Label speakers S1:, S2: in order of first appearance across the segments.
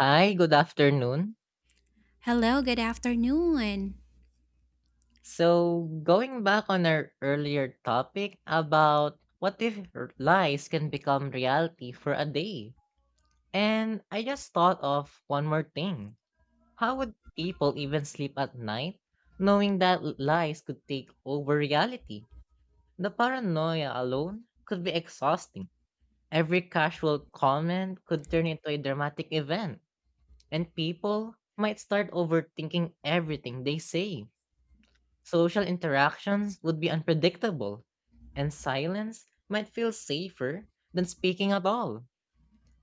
S1: Hi, good afternoon.
S2: Hello, good afternoon.
S1: So, going back on our earlier topic about what if lies can become reality for a day? And I just thought of one more thing. How would people even sleep at night knowing that lies could take over reality? The paranoia alone could be exhausting. Every casual comment could turn into a dramatic event, and people might start overthinking everything they say. Social interactions would be unpredictable, and silence might feel safer than speaking at all.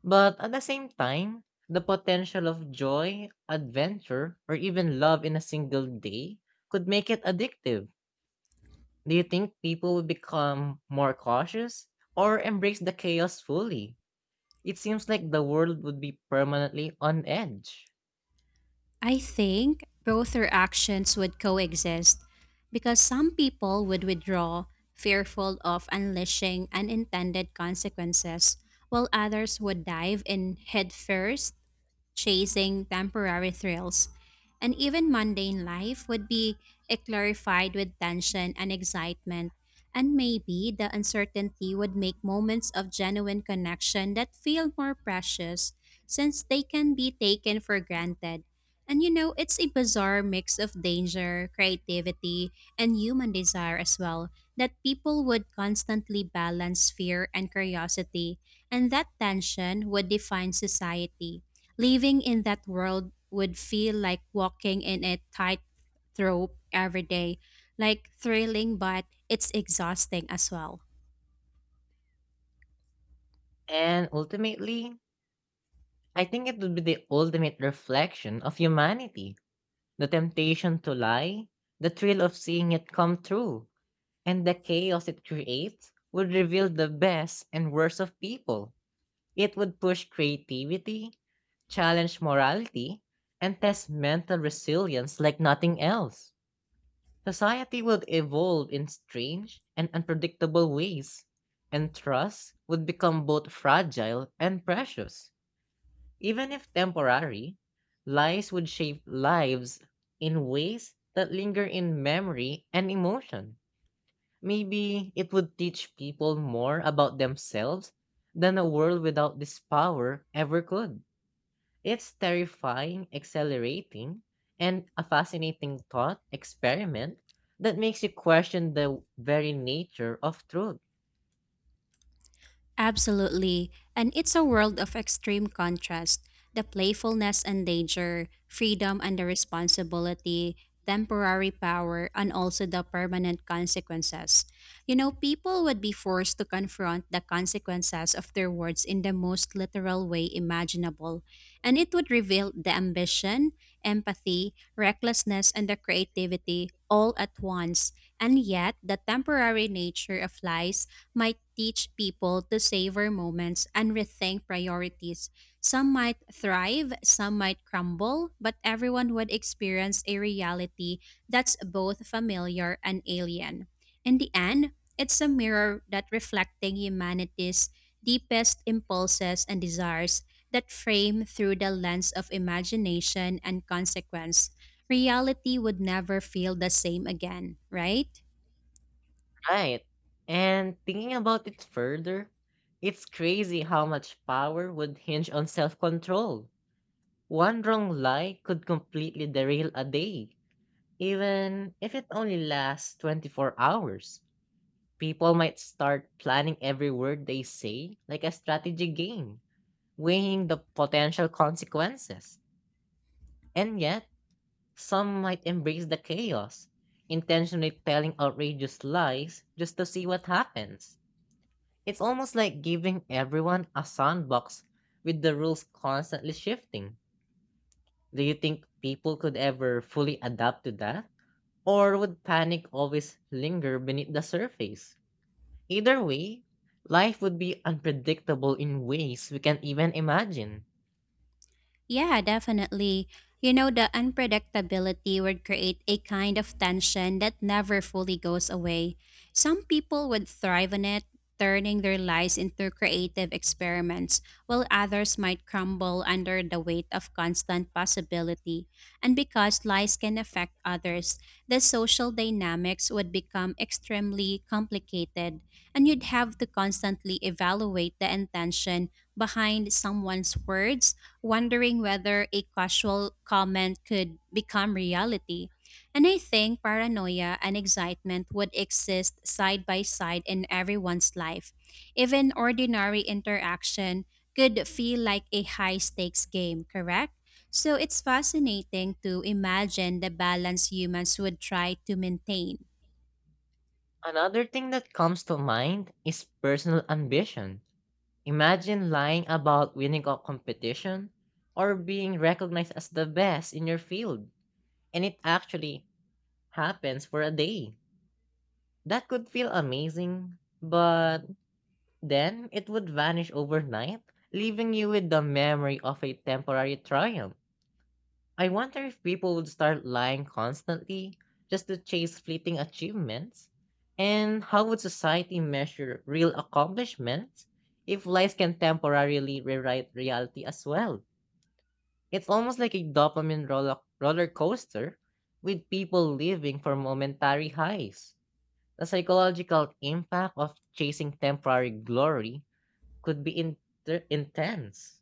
S1: But at the same time, the potential of joy, adventure, or even love in a single day could make it addictive. Do you think people would become more cautious or embrace the chaos fully? It seems like the world would be permanently on edge.
S2: I think both reactions would coexist because some people would withdraw, fearful of unleashing unintended consequences, while others would dive in headfirst chasing temporary thrills, and even mundane life would be clarified with tension and excitement, and maybe the uncertainty would make moments of genuine connection that feel more precious since they can be taken for granted. And you know, it's a bizarre mix of danger, creativity, and human desire as well that people would constantly balance fear and curiosity, and that tension would define society. Living in that world would feel like walking in a tightrope every day, like thrilling, but it's exhausting as well.
S1: And ultimately, I think it would be the ultimate reflection of humanity. The temptation to lie, the thrill of seeing it come true, and the chaos it creates would reveal the best and worst of people. It would push creativity, challenge morality, and test mental resilience like nothing else. Society would evolve in strange and unpredictable ways, and trust would become both fragile and precious. Even if temporary, lies would shape lives in ways that linger in memory and emotion. Maybe it would teach people more about themselves than a world without this power ever could. It's terrifying, exhilarating, and a fascinating thought experiment that makes you question the very nature of truth.
S2: Absolutely. And it's a world of extreme contrast, the playfulness and danger, freedom and the responsibility, temporary power, and also the permanent consequences. You know, people would be forced to confront the consequences of their words in the most literal way imaginable. And it would reveal the ambition, empathy, recklessness, and the creativity all at once. And yet, the temporary nature of lies might teach people to savor moments and rethink priorities. Some might thrive, some might crumble, but everyone would experience a reality that's both familiar and alien. In the end, it's a mirror that reflecting humanity's deepest impulses and desires that frame through the lens of imagination and consequence. Reality would never feel the same again, right?
S1: Right. And thinking about it further, it's crazy how much power would hinge on self control. One wrong lie could completely derail a day, even if it only lasts 24 hours. People might start planning every word they say like a strategy game, weighing the potential consequences. And yet, some might embrace the chaos, intentionally telling outrageous lies just to see what happens. It's almost like giving everyone a sandbox with the rules constantly shifting. Do you think people could ever fully adapt to that? Or would panic always linger beneath the surface? Either way, life would be unpredictable in ways we can't even imagine.
S2: Yeah, definitely. You know, the unpredictability would create a kind of tension that never fully goes away. Some people would thrive on it, turning their lives into creative experiments, while others might crumble under the weight of constant possibility. And because lies can affect others, the social dynamics would become extremely complicated, and you'd have to constantly evaluate the intention behind someone's words, wondering whether a casual comment could become reality. And I think paranoia and excitement would exist side by side in everyone's life. Even ordinary interaction could feel like a high stakes game, correct? So it's fascinating to imagine the balance humans would try to maintain.
S1: Another thing that comes to mind is personal ambition. Imagine lying about winning a competition or being recognized as the best in your field, and it actually happens for a day. That could feel amazing, but then it would vanish overnight, leaving you with the memory of a temporary triumph. I wonder if people would start lying constantly just to chase fleeting achievements. And how would society measure real accomplishments if lies can temporarily rewrite reality as well? It's almost like a dopamine roller coaster with people living for momentary highs. The psychological impact of chasing temporary glory could be intense.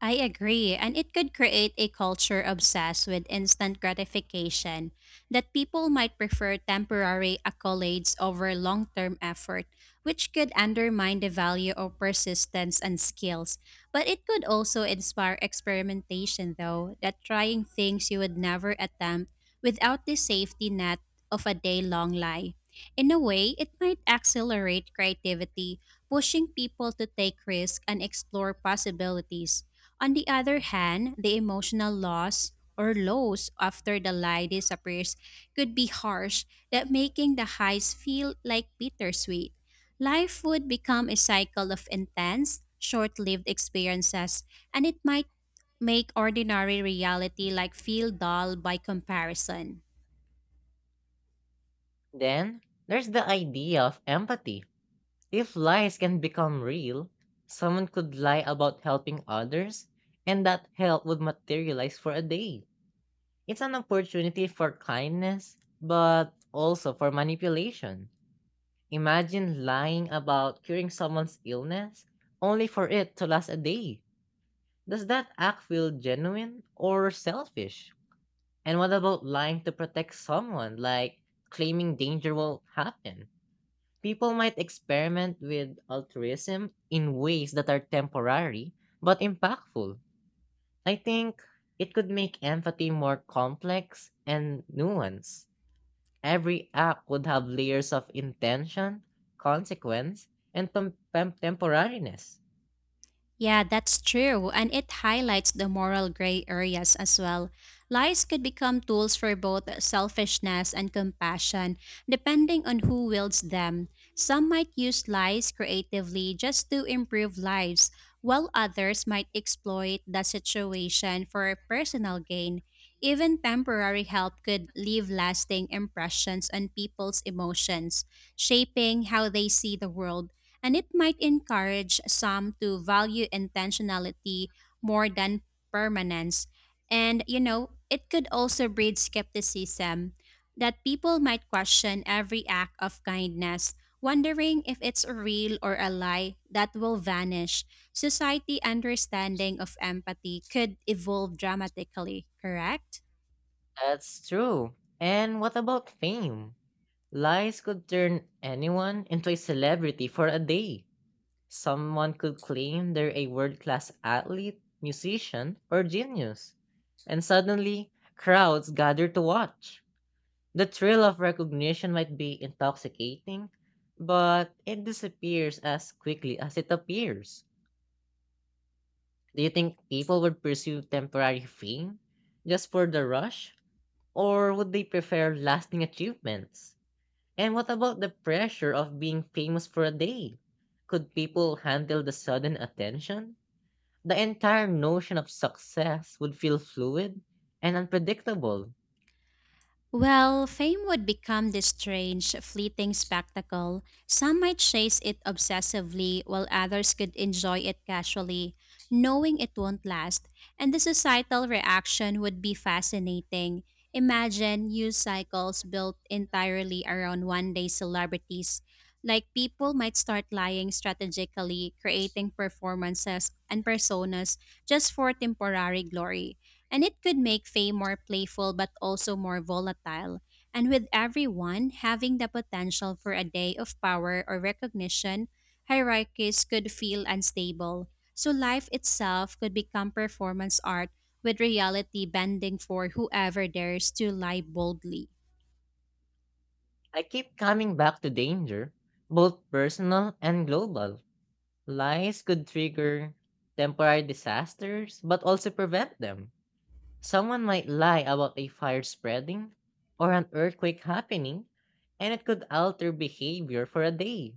S2: I agree, and it could create a culture obsessed with instant gratification, that people might prefer temporary accolades over long term effort, which could undermine the value of persistence and skills. But it could also inspire experimentation, though, that trying things you would never attempt without the safety net of a day long lie. In a way, it might accelerate creativity, pushing people to take risks and explore possibilities. On the other hand, the emotional loss or lows after the lie disappears could be harsh, that making the highs feel like bittersweet. Life would become a cycle of intense, short-lived experiences, and it might make ordinary reality like feel dull by comparison.
S1: Then, there's the idea of empathy. If lies can become real, someone could lie about helping others, and that help would materialize for a day. It's an opportunity for kindness, but also for manipulation. Imagine lying about curing someone's illness only for it to last a day. Does that act feel genuine or selfish? And what about lying to protect someone, like claiming danger will happen? People might experiment with altruism in ways that are temporary but impactful. I think it could make empathy more complex and nuanced. Every act would have layers of intention, consequence, and temporariness.
S2: Yeah, that's true, and it highlights the moral gray areas as well. Lies could become tools for both selfishness and compassion, depending on who wields them. Some might use lies creatively just to improve lives, while others might exploit the situation for personal gain. Even temporary help could leave lasting impressions on people's emotions, shaping how they see the world, and it might encourage some to value intentionality more than permanence. And, you know, it could also breed skepticism, that people might question every act of kindness, wondering if it's real or a lie that will vanish. Society understanding of empathy could evolve dramatically, correct?
S1: That's true. And what about fame? Lies could turn anyone into a celebrity for a day. Someone could claim they're a world class athlete, musician, or genius, and suddenly crowds gather to watch. The thrill of recognition might be intoxicating, but it disappears as quickly as it appears. Do you think people would pursue temporary fame just for the rush, or would they prefer lasting achievements? And what about the pressure of being famous for a day? Could people handle the sudden attention? The entire notion of success would feel fluid and unpredictable.
S2: Well, fame would become this strange, fleeting spectacle. Some might chase it obsessively, while others could enjoy it casually, knowing it won't last. And the societal reaction would be fascinating. Imagine news cycles built entirely around one day celebrities. Like people might start lying strategically, creating performances and personas just for temporary glory, and it could make Faye more playful but also more volatile. And with everyone having the potential for a day of power or recognition, hierarchies could feel unstable. So life itself could become performance art with reality bending for whoever dares to lie boldly.
S1: I keep coming back to danger, both personal and global. Lies could trigger temporary disasters, but also prevent them. Someone might lie about a fire spreading or an earthquake happening, and it could alter behavior for a day.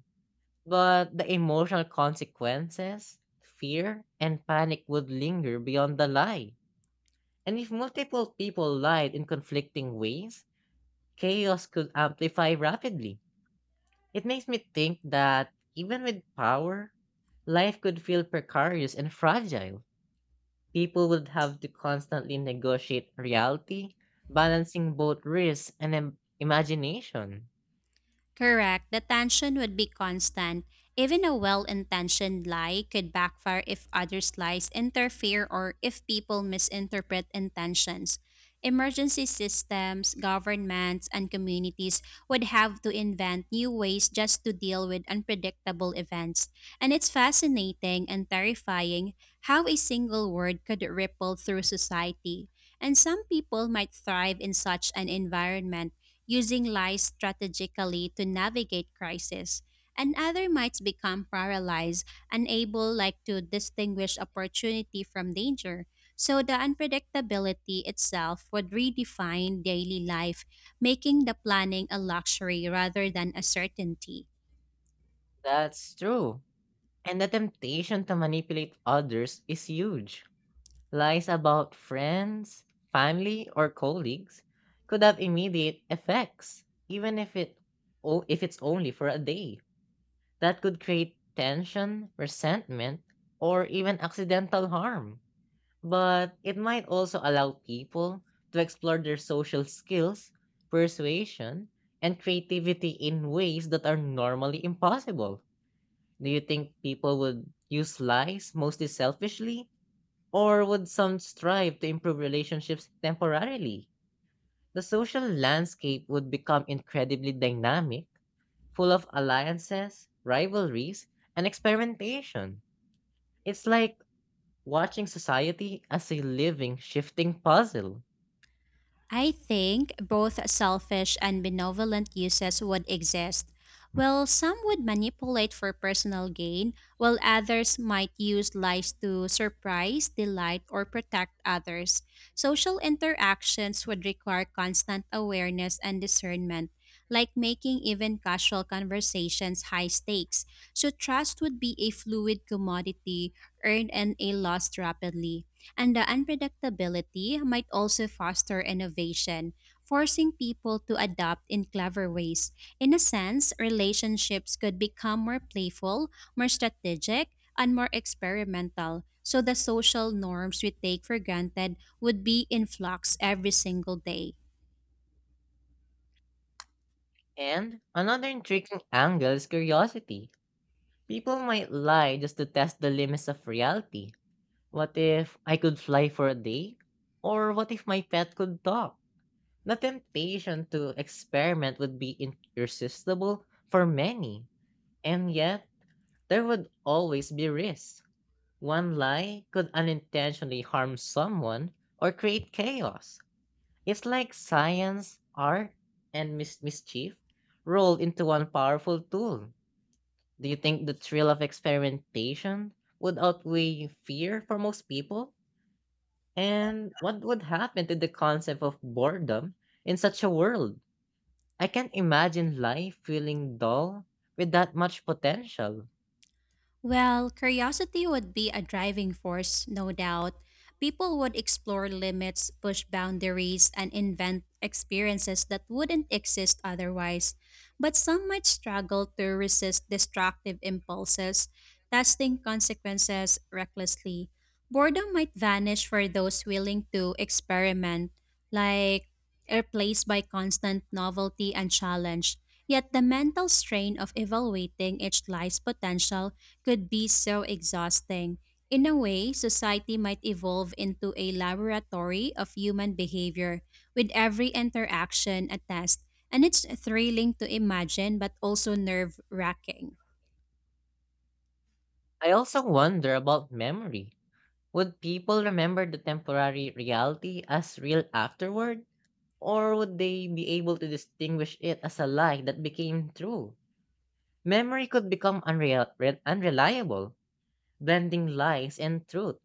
S1: But the emotional consequences, fear, and panic would linger beyond the lie. And if multiple people lied in conflicting ways, chaos could amplify rapidly. It makes me think that even with power, life could feel precarious and fragile. People would have to constantly negotiate reality, balancing both risk and imagination.
S2: Correct. The tension would be constant. Even a well intentioned lie could backfire if others' lies interfere or if people misinterpret intentions. Emergency systems, governments, and communities would have to invent new ways just to deal with unpredictable events. And it's fascinating and terrifying how a single word could ripple through society. And some people might thrive in such an environment using lies strategically to navigate crisis, and other might become paralyzed, unable like to distinguish opportunity from danger. So the unpredictability itself would redefine daily life, making the planning a luxury rather than a certainty.
S1: That's true. And the temptation to manipulate others is huge. Lies about friends, family, or colleagues could have immediate effects, even if it's only for a day. That could create tension, resentment, or even accidental harm. But it might also allow people to explore their social skills, persuasion, and creativity in ways that are normally impossible. Do you think people would use lies mostly selfishly, or would some strive to improve relationships temporarily? The social landscape would become incredibly dynamic, full of alliances, rivalries, and experimentation. It's like watching society as a living, shifting puzzle.
S2: I think both selfish and benevolent uses would exist. While some would manipulate for personal gain, while others might use lies to surprise, delight, or protect others. Social interactions would require constant awareness and discernment, like making even casual conversations high stakes. So, trust would be a fluid commodity, earned and a lost rapidly, and the unpredictability might also foster innovation, forcing people to adapt in clever ways. In a sense, relationships could become more playful, more strategic, and more experimental. So the social norms we take for granted would be in flux every single day.
S1: And another intriguing angle is curiosity. People might lie just to test the limits of reality. What if I could fly for a day? Or what if my pet could talk? The temptation to experiment would be irresistible for many, and yet there would always be risks. One lie could unintentionally harm someone or create chaos. It's like science, art, and mischief rolled into one powerful tool. Do you think the thrill of experimentation would outweigh fear for most people? And what would happen to the concept of boredom in such a world? I can't imagine life feeling dull with that much potential.
S2: Well, curiosity would be a driving force, no doubt. People would explore limits, push boundaries, and invent experiences that wouldn't exist otherwise. But some might struggle to resist destructive impulses, testing consequences recklessly. Boredom might vanish for those willing to experiment, like replaced by constant novelty and challenge. Yet the mental strain of evaluating each life's potential could be so exhausting. In a way, society might evolve into a laboratory of human behavior, with every interaction a test, and it's thrilling to imagine but also nerve wracking.
S1: I also wonder about memory. Would people remember the temporary reality as real afterward? Or would they be able to distinguish it as a lie that became true? Memory could become unreliable, blending lies and truth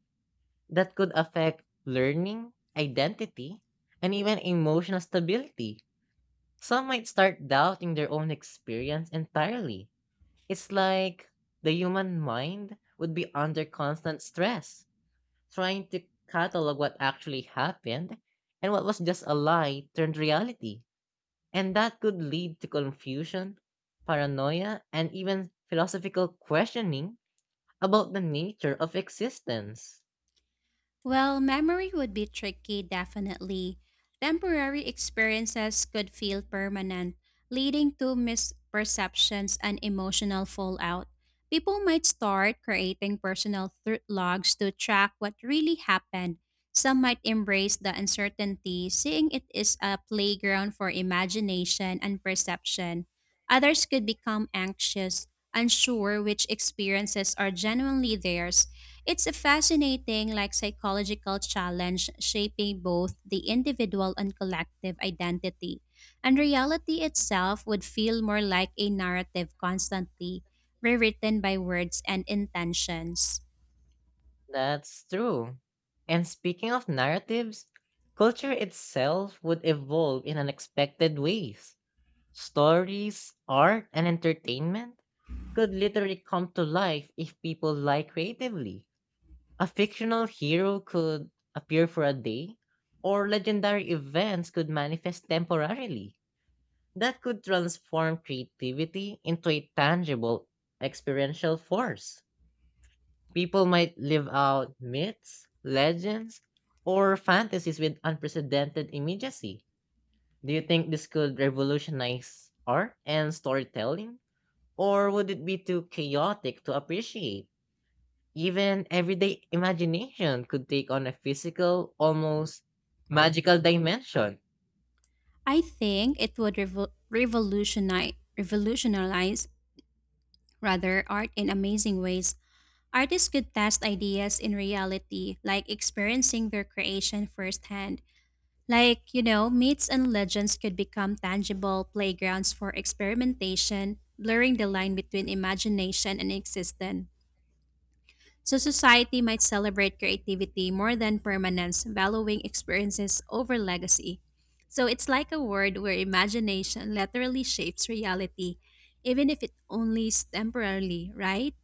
S1: that could affect learning, identity, and even emotional stability. Some might start doubting their own experience entirely. It's like the human mind would be under constant stress, trying to catalog what actually happened and what was just a lie turned reality. And that could lead to confusion, paranoia, and even philosophical questioning about the nature of existence.
S2: Well, memory would be tricky, definitely. Temporary experiences could feel permanent, leading to misperceptions and emotional fallout. People might start creating personal logs to track what really happened. Some might embrace the uncertainty, seeing it is a playground for imagination and perception. Others could become anxious, unsure which experiences are genuinely theirs. It's a fascinating like psychological challenge shaping both the individual and collective identity. And reality itself would feel more like a narrative constantly rewritten by words and intentions.
S1: That's true. And speaking of narratives, culture itself would evolve in unexpected ways. Stories, art, and entertainment could literally come to life if people lie creatively. A fictional hero could appear for a day, or legendary events could manifest temporarily. That could transform creativity into a tangible, experiential force. People might live out myths, legends, or fantasies with unprecedented immediacy. Do you think this could revolutionize art and storytelling? Or would it be too chaotic to appreciate? Even everyday imagination could take on a physical, almost magical dimension.
S2: I think it would revolutionize rather art in amazing ways. Artists could test ideas in reality, like experiencing their creation firsthand. Like, you know, myths and legends could become tangible playgrounds for experimentation, blurring the line between imagination and existence. So, society might celebrate creativity more than permanence, valuing experiences over legacy. So, it's like a world where imagination literally shapes reality, even if it only is temporarily, right?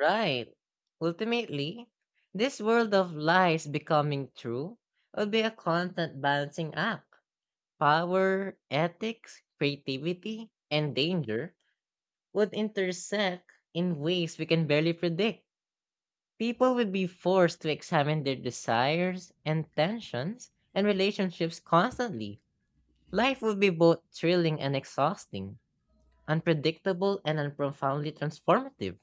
S1: Right. Ultimately, this world of lies becoming true will be a constant balancing act. Power, ethics, creativity, and danger would intersect in ways we can barely predict. People would be forced to examine their desires and tensions and relationships constantly. Life would be both thrilling and exhausting, unpredictable and profoundly transformative.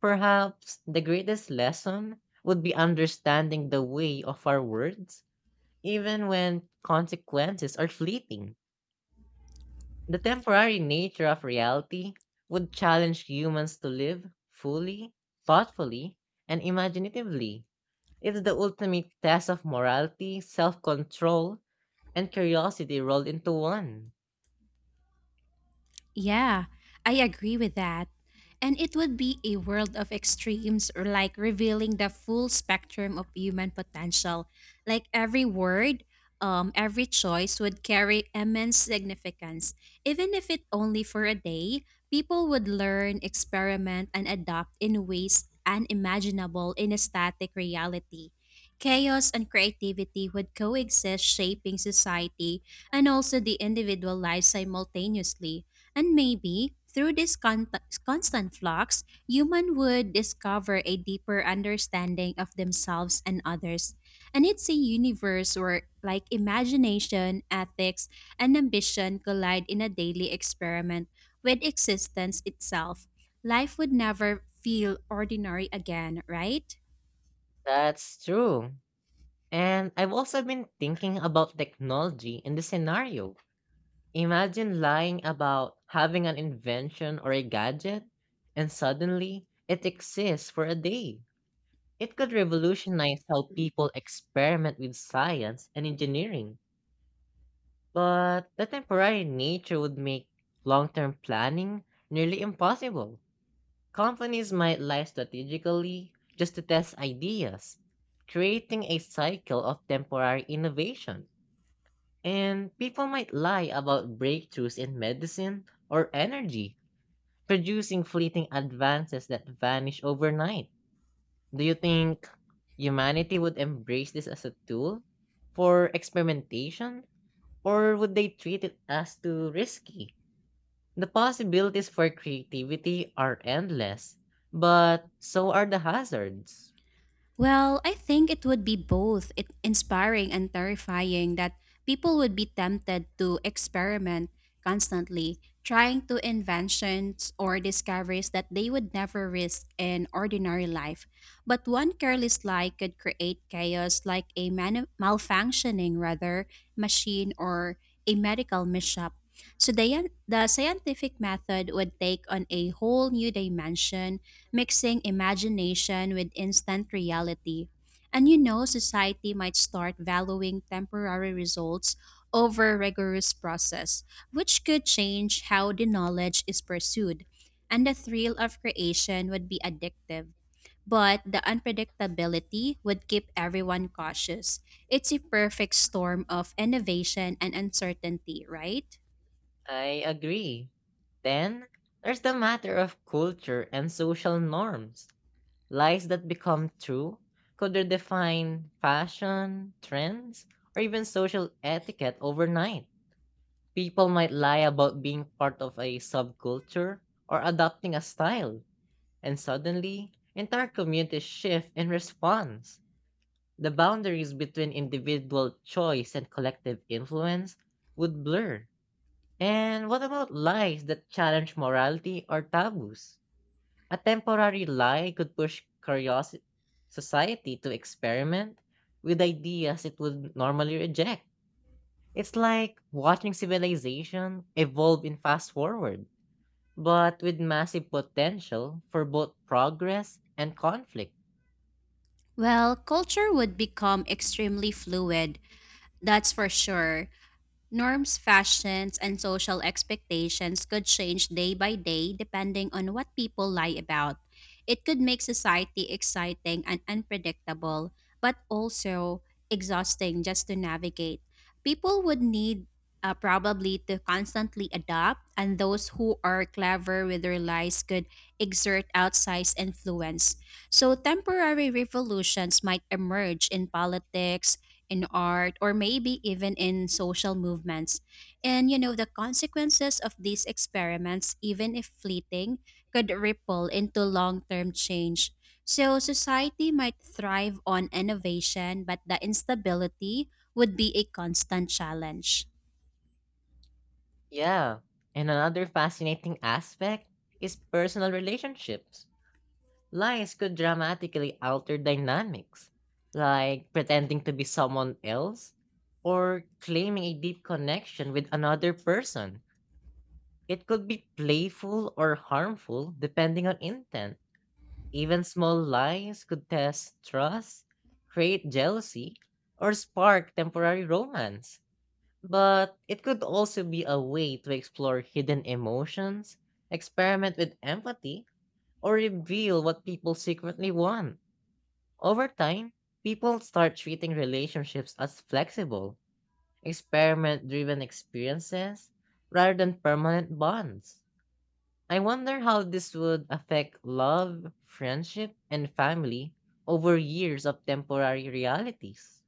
S1: Perhaps the greatest lesson would be understanding the way of our words, even when consequences are fleeting. The temporary nature of reality would challenge humans to live fully, thoughtfully, and imaginatively. It's the ultimate test of morality, self control, and curiosity rolled into one.
S2: Yeah, I agree with that. And it would be a world of extremes or like revealing the full spectrum of human potential. Like every word, every choice would carry immense significance. Even if it only for a day, people would learn, experiment, and adapt in ways unimaginable in a static reality. Chaos and creativity would coexist, shaping society and also the individual life simultaneously. And maybe through this constant flux, human would discover a deeper understanding of themselves and others. And it's a universe where like imagination, ethics, and ambition collide in a daily experiment with existence itself. Life would never feel ordinary again, right?
S1: That's true. And I've also been thinking about technology in this scenario. Imagine lying about having an invention or a gadget, and suddenly it exists for a day. It could revolutionize how people experiment with science and engineering, but the temporary nature would make long term planning nearly impossible. Companies might lie strategically just to test ideas, creating a cycle of temporary innovation. And people might lie about breakthroughs in medicine or energy, producing fleeting advances that vanish overnight. Do you think humanity would embrace this as a tool for experimentation, or would they treat it as too risky? The possibilities for creativity are endless, but so are the hazards.
S2: Well, I think it would be both it inspiring and terrifying that people would be tempted to experiment constantly, trying to inventions or discoveries that they would never risk in ordinary life. But one careless lie could create chaos like a malfunctioning rather machine or a medical mishap. So the scientific method would take on a whole new dimension mixing imagination with instant reality. And you know, society might start valuing temporary results over rigorous process, which could change how the knowledge is pursued. And the thrill of creation would be addictive. But the unpredictability would keep everyone cautious. It's a perfect storm of innovation and uncertainty, right?
S1: I agree. Then, there's the matter of culture and social norms. Lies that become true could redefine fashion, trends, or even social etiquette overnight. People might lie about being part of a subculture or adopting a style, and suddenly, entire communities shift in response. The boundaries between individual choice and collective influence would blur. And what about lies that challenge morality or taboos? A temporary lie could push curiosity society to experiment with ideas it would normally reject. It's like watching civilization evolve in fast forward, but with massive potential for both progress and conflict.
S2: Well, culture would become extremely fluid, that's for sure. Norms, fashions, and social expectations could change day by day depending on what people lie about. It could make society exciting and unpredictable, but also exhausting just to navigate. People would need probably to constantly adapt, and those who are clever with their lies could exert outsized influence. So, temporary revolutions might emerge in politics, in art, or maybe even in social movements. And you know, the consequences of these experiments, even if fleeting, could ripple into long term change. So, society might thrive on innovation, but the instability would be a constant challenge.
S1: Yeah, and another fascinating aspect is personal relationships. Lies could dramatically alter dynamics, like pretending to be someone else or claiming a deep connection with another person. It could be playful or harmful depending on intent. Even small lies could test trust, create jealousy, or spark temporary romance. But it could also be a way to explore hidden emotions, experiment with empathy, or reveal what people secretly want. Over time, people start treating relationships as flexible, experiment driven experiences rather than permanent bonds. I wonder how this would affect love, friendship, and family over years of temporary realities.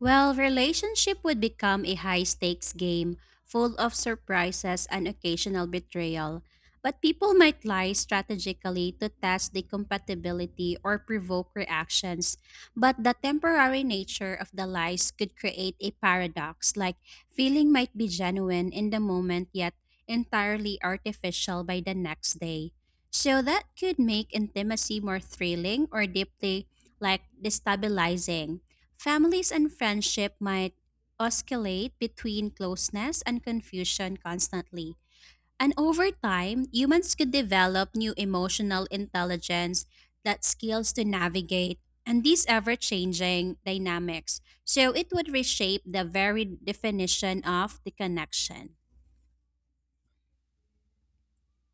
S2: Well, relationship would become a high stakes game, full of surprises and occasional betrayal. But people might lie strategically to test the compatibility or provoke reactions. But the temporary nature of the lies could create a paradox, like feeling might be genuine in the moment yet entirely artificial by the next day. So that could make intimacy more thrilling or deeply like destabilizing. Families and friendship might oscillate between closeness and confusion constantly. And over time, humans could develop new emotional intelligence, that skills to navigate and these ever changing dynamics. So it would reshape the very definition of the connection.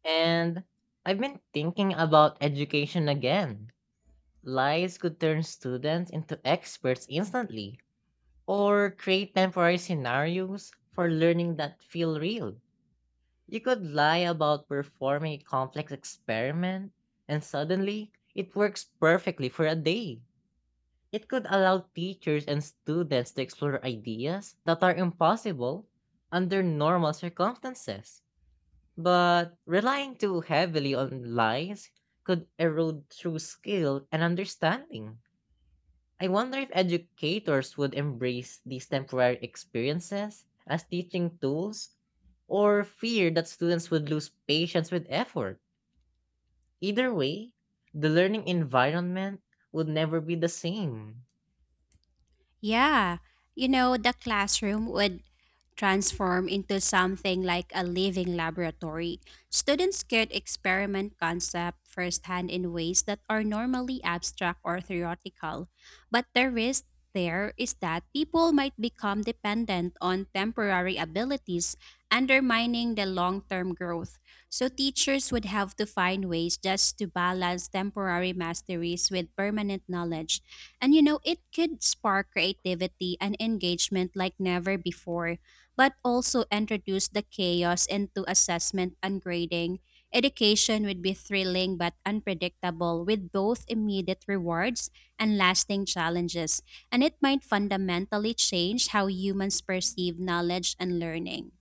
S1: And I've been thinking about education again. Lies could turn students into experts instantly, or create temporary scenarios for learning that feel real. You could lie about performing a complex experiment, and suddenly it works perfectly for a day. It could allow teachers and students to explore ideas that are impossible under normal circumstances. But relying too heavily on lies could erode true skill and understanding. I wonder if educators would embrace these temporary experiences as teaching tools, or fear that students would lose patience with effort. Either way, the learning environment would never be the same.
S2: Yeah, you know, the classroom would transform into something like a living laboratory. Students could experiment concept firsthand in ways that are normally abstract or theoretical. But the risk there is that people might become dependent on temporary abilities, undermining the long term growth. So teachers would have to find ways just to balance temporary masteries with permanent knowledge, and you know, it could spark creativity and engagement like never before, but also introduce the chaos into assessment and grading. Education would be thrilling but unpredictable with both immediate rewards and lasting challenges, and it might fundamentally change how humans perceive knowledge and learning.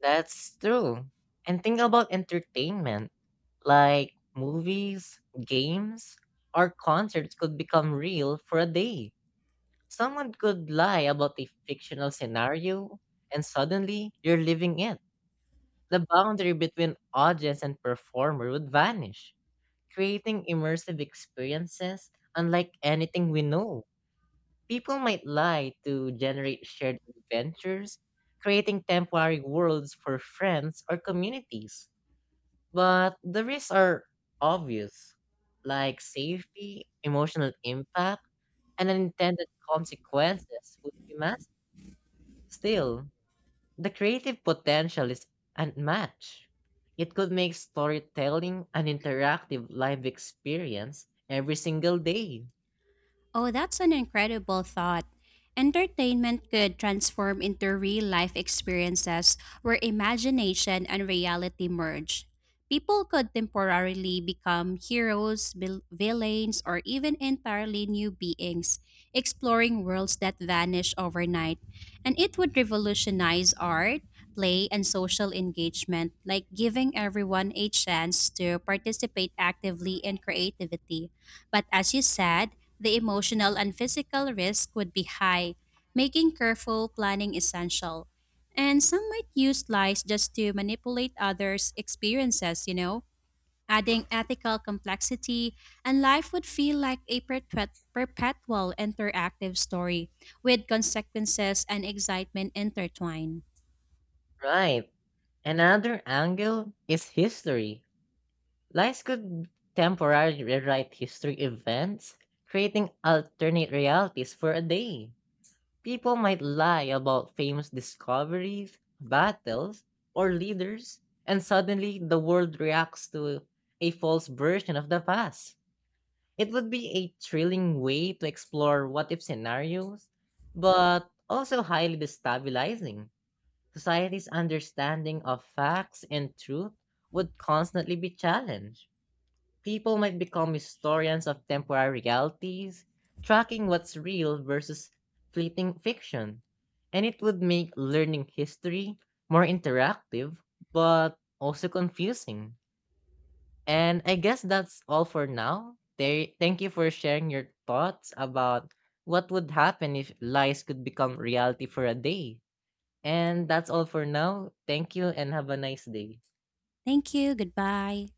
S1: That's true. And think about entertainment, like movies, games, or concerts could become real for a day. Someone could lie about a fictional scenario, and suddenly you're living it. The boundary between audience and performer would vanish, creating immersive experiences unlike anything we know. People might lie to generate shared adventures, creating temporary worlds for friends or communities. But the risks are obvious, like safety, emotional impact, and unintended consequences would be massive. Still, the creative potential is unmatched. It could make storytelling an interactive live experience every single day.
S2: Oh, that's an incredible thought. Entertainment could transform into real life experiences where imagination and reality merge. People could temporarily become heroes, villains, or even entirely new beings, exploring worlds that vanish overnight. And it would revolutionize art, play, and social engagement, like giving everyone a chance to participate actively in creativity. But as you said, the emotional and physical risk would be high, making careful planning essential. And some might use lies just to manipulate others' experiences, you know, adding ethical complexity, and life would feel like a perpetual interactive story with consequences and excitement intertwined.
S1: Right. Another angle is history. Lies could temporarily rewrite history events, creating alternate realities for a day. People might lie about famous discoveries, battles, or leaders, and suddenly the world reacts to a false version of the past. It would be a thrilling way to explore what if scenarios, but also highly destabilizing. Society's understanding of facts and truth would constantly be challenged. People might become historians of temporary realities, tracking what's real versus fleeting fiction. And it would make learning history more interactive, but also confusing. And I guess that's all for now. Thank you for sharing your thoughts about what would happen if lies could become reality for a day. And that's all for now. Thank you and have a nice day.
S2: Thank you. Goodbye.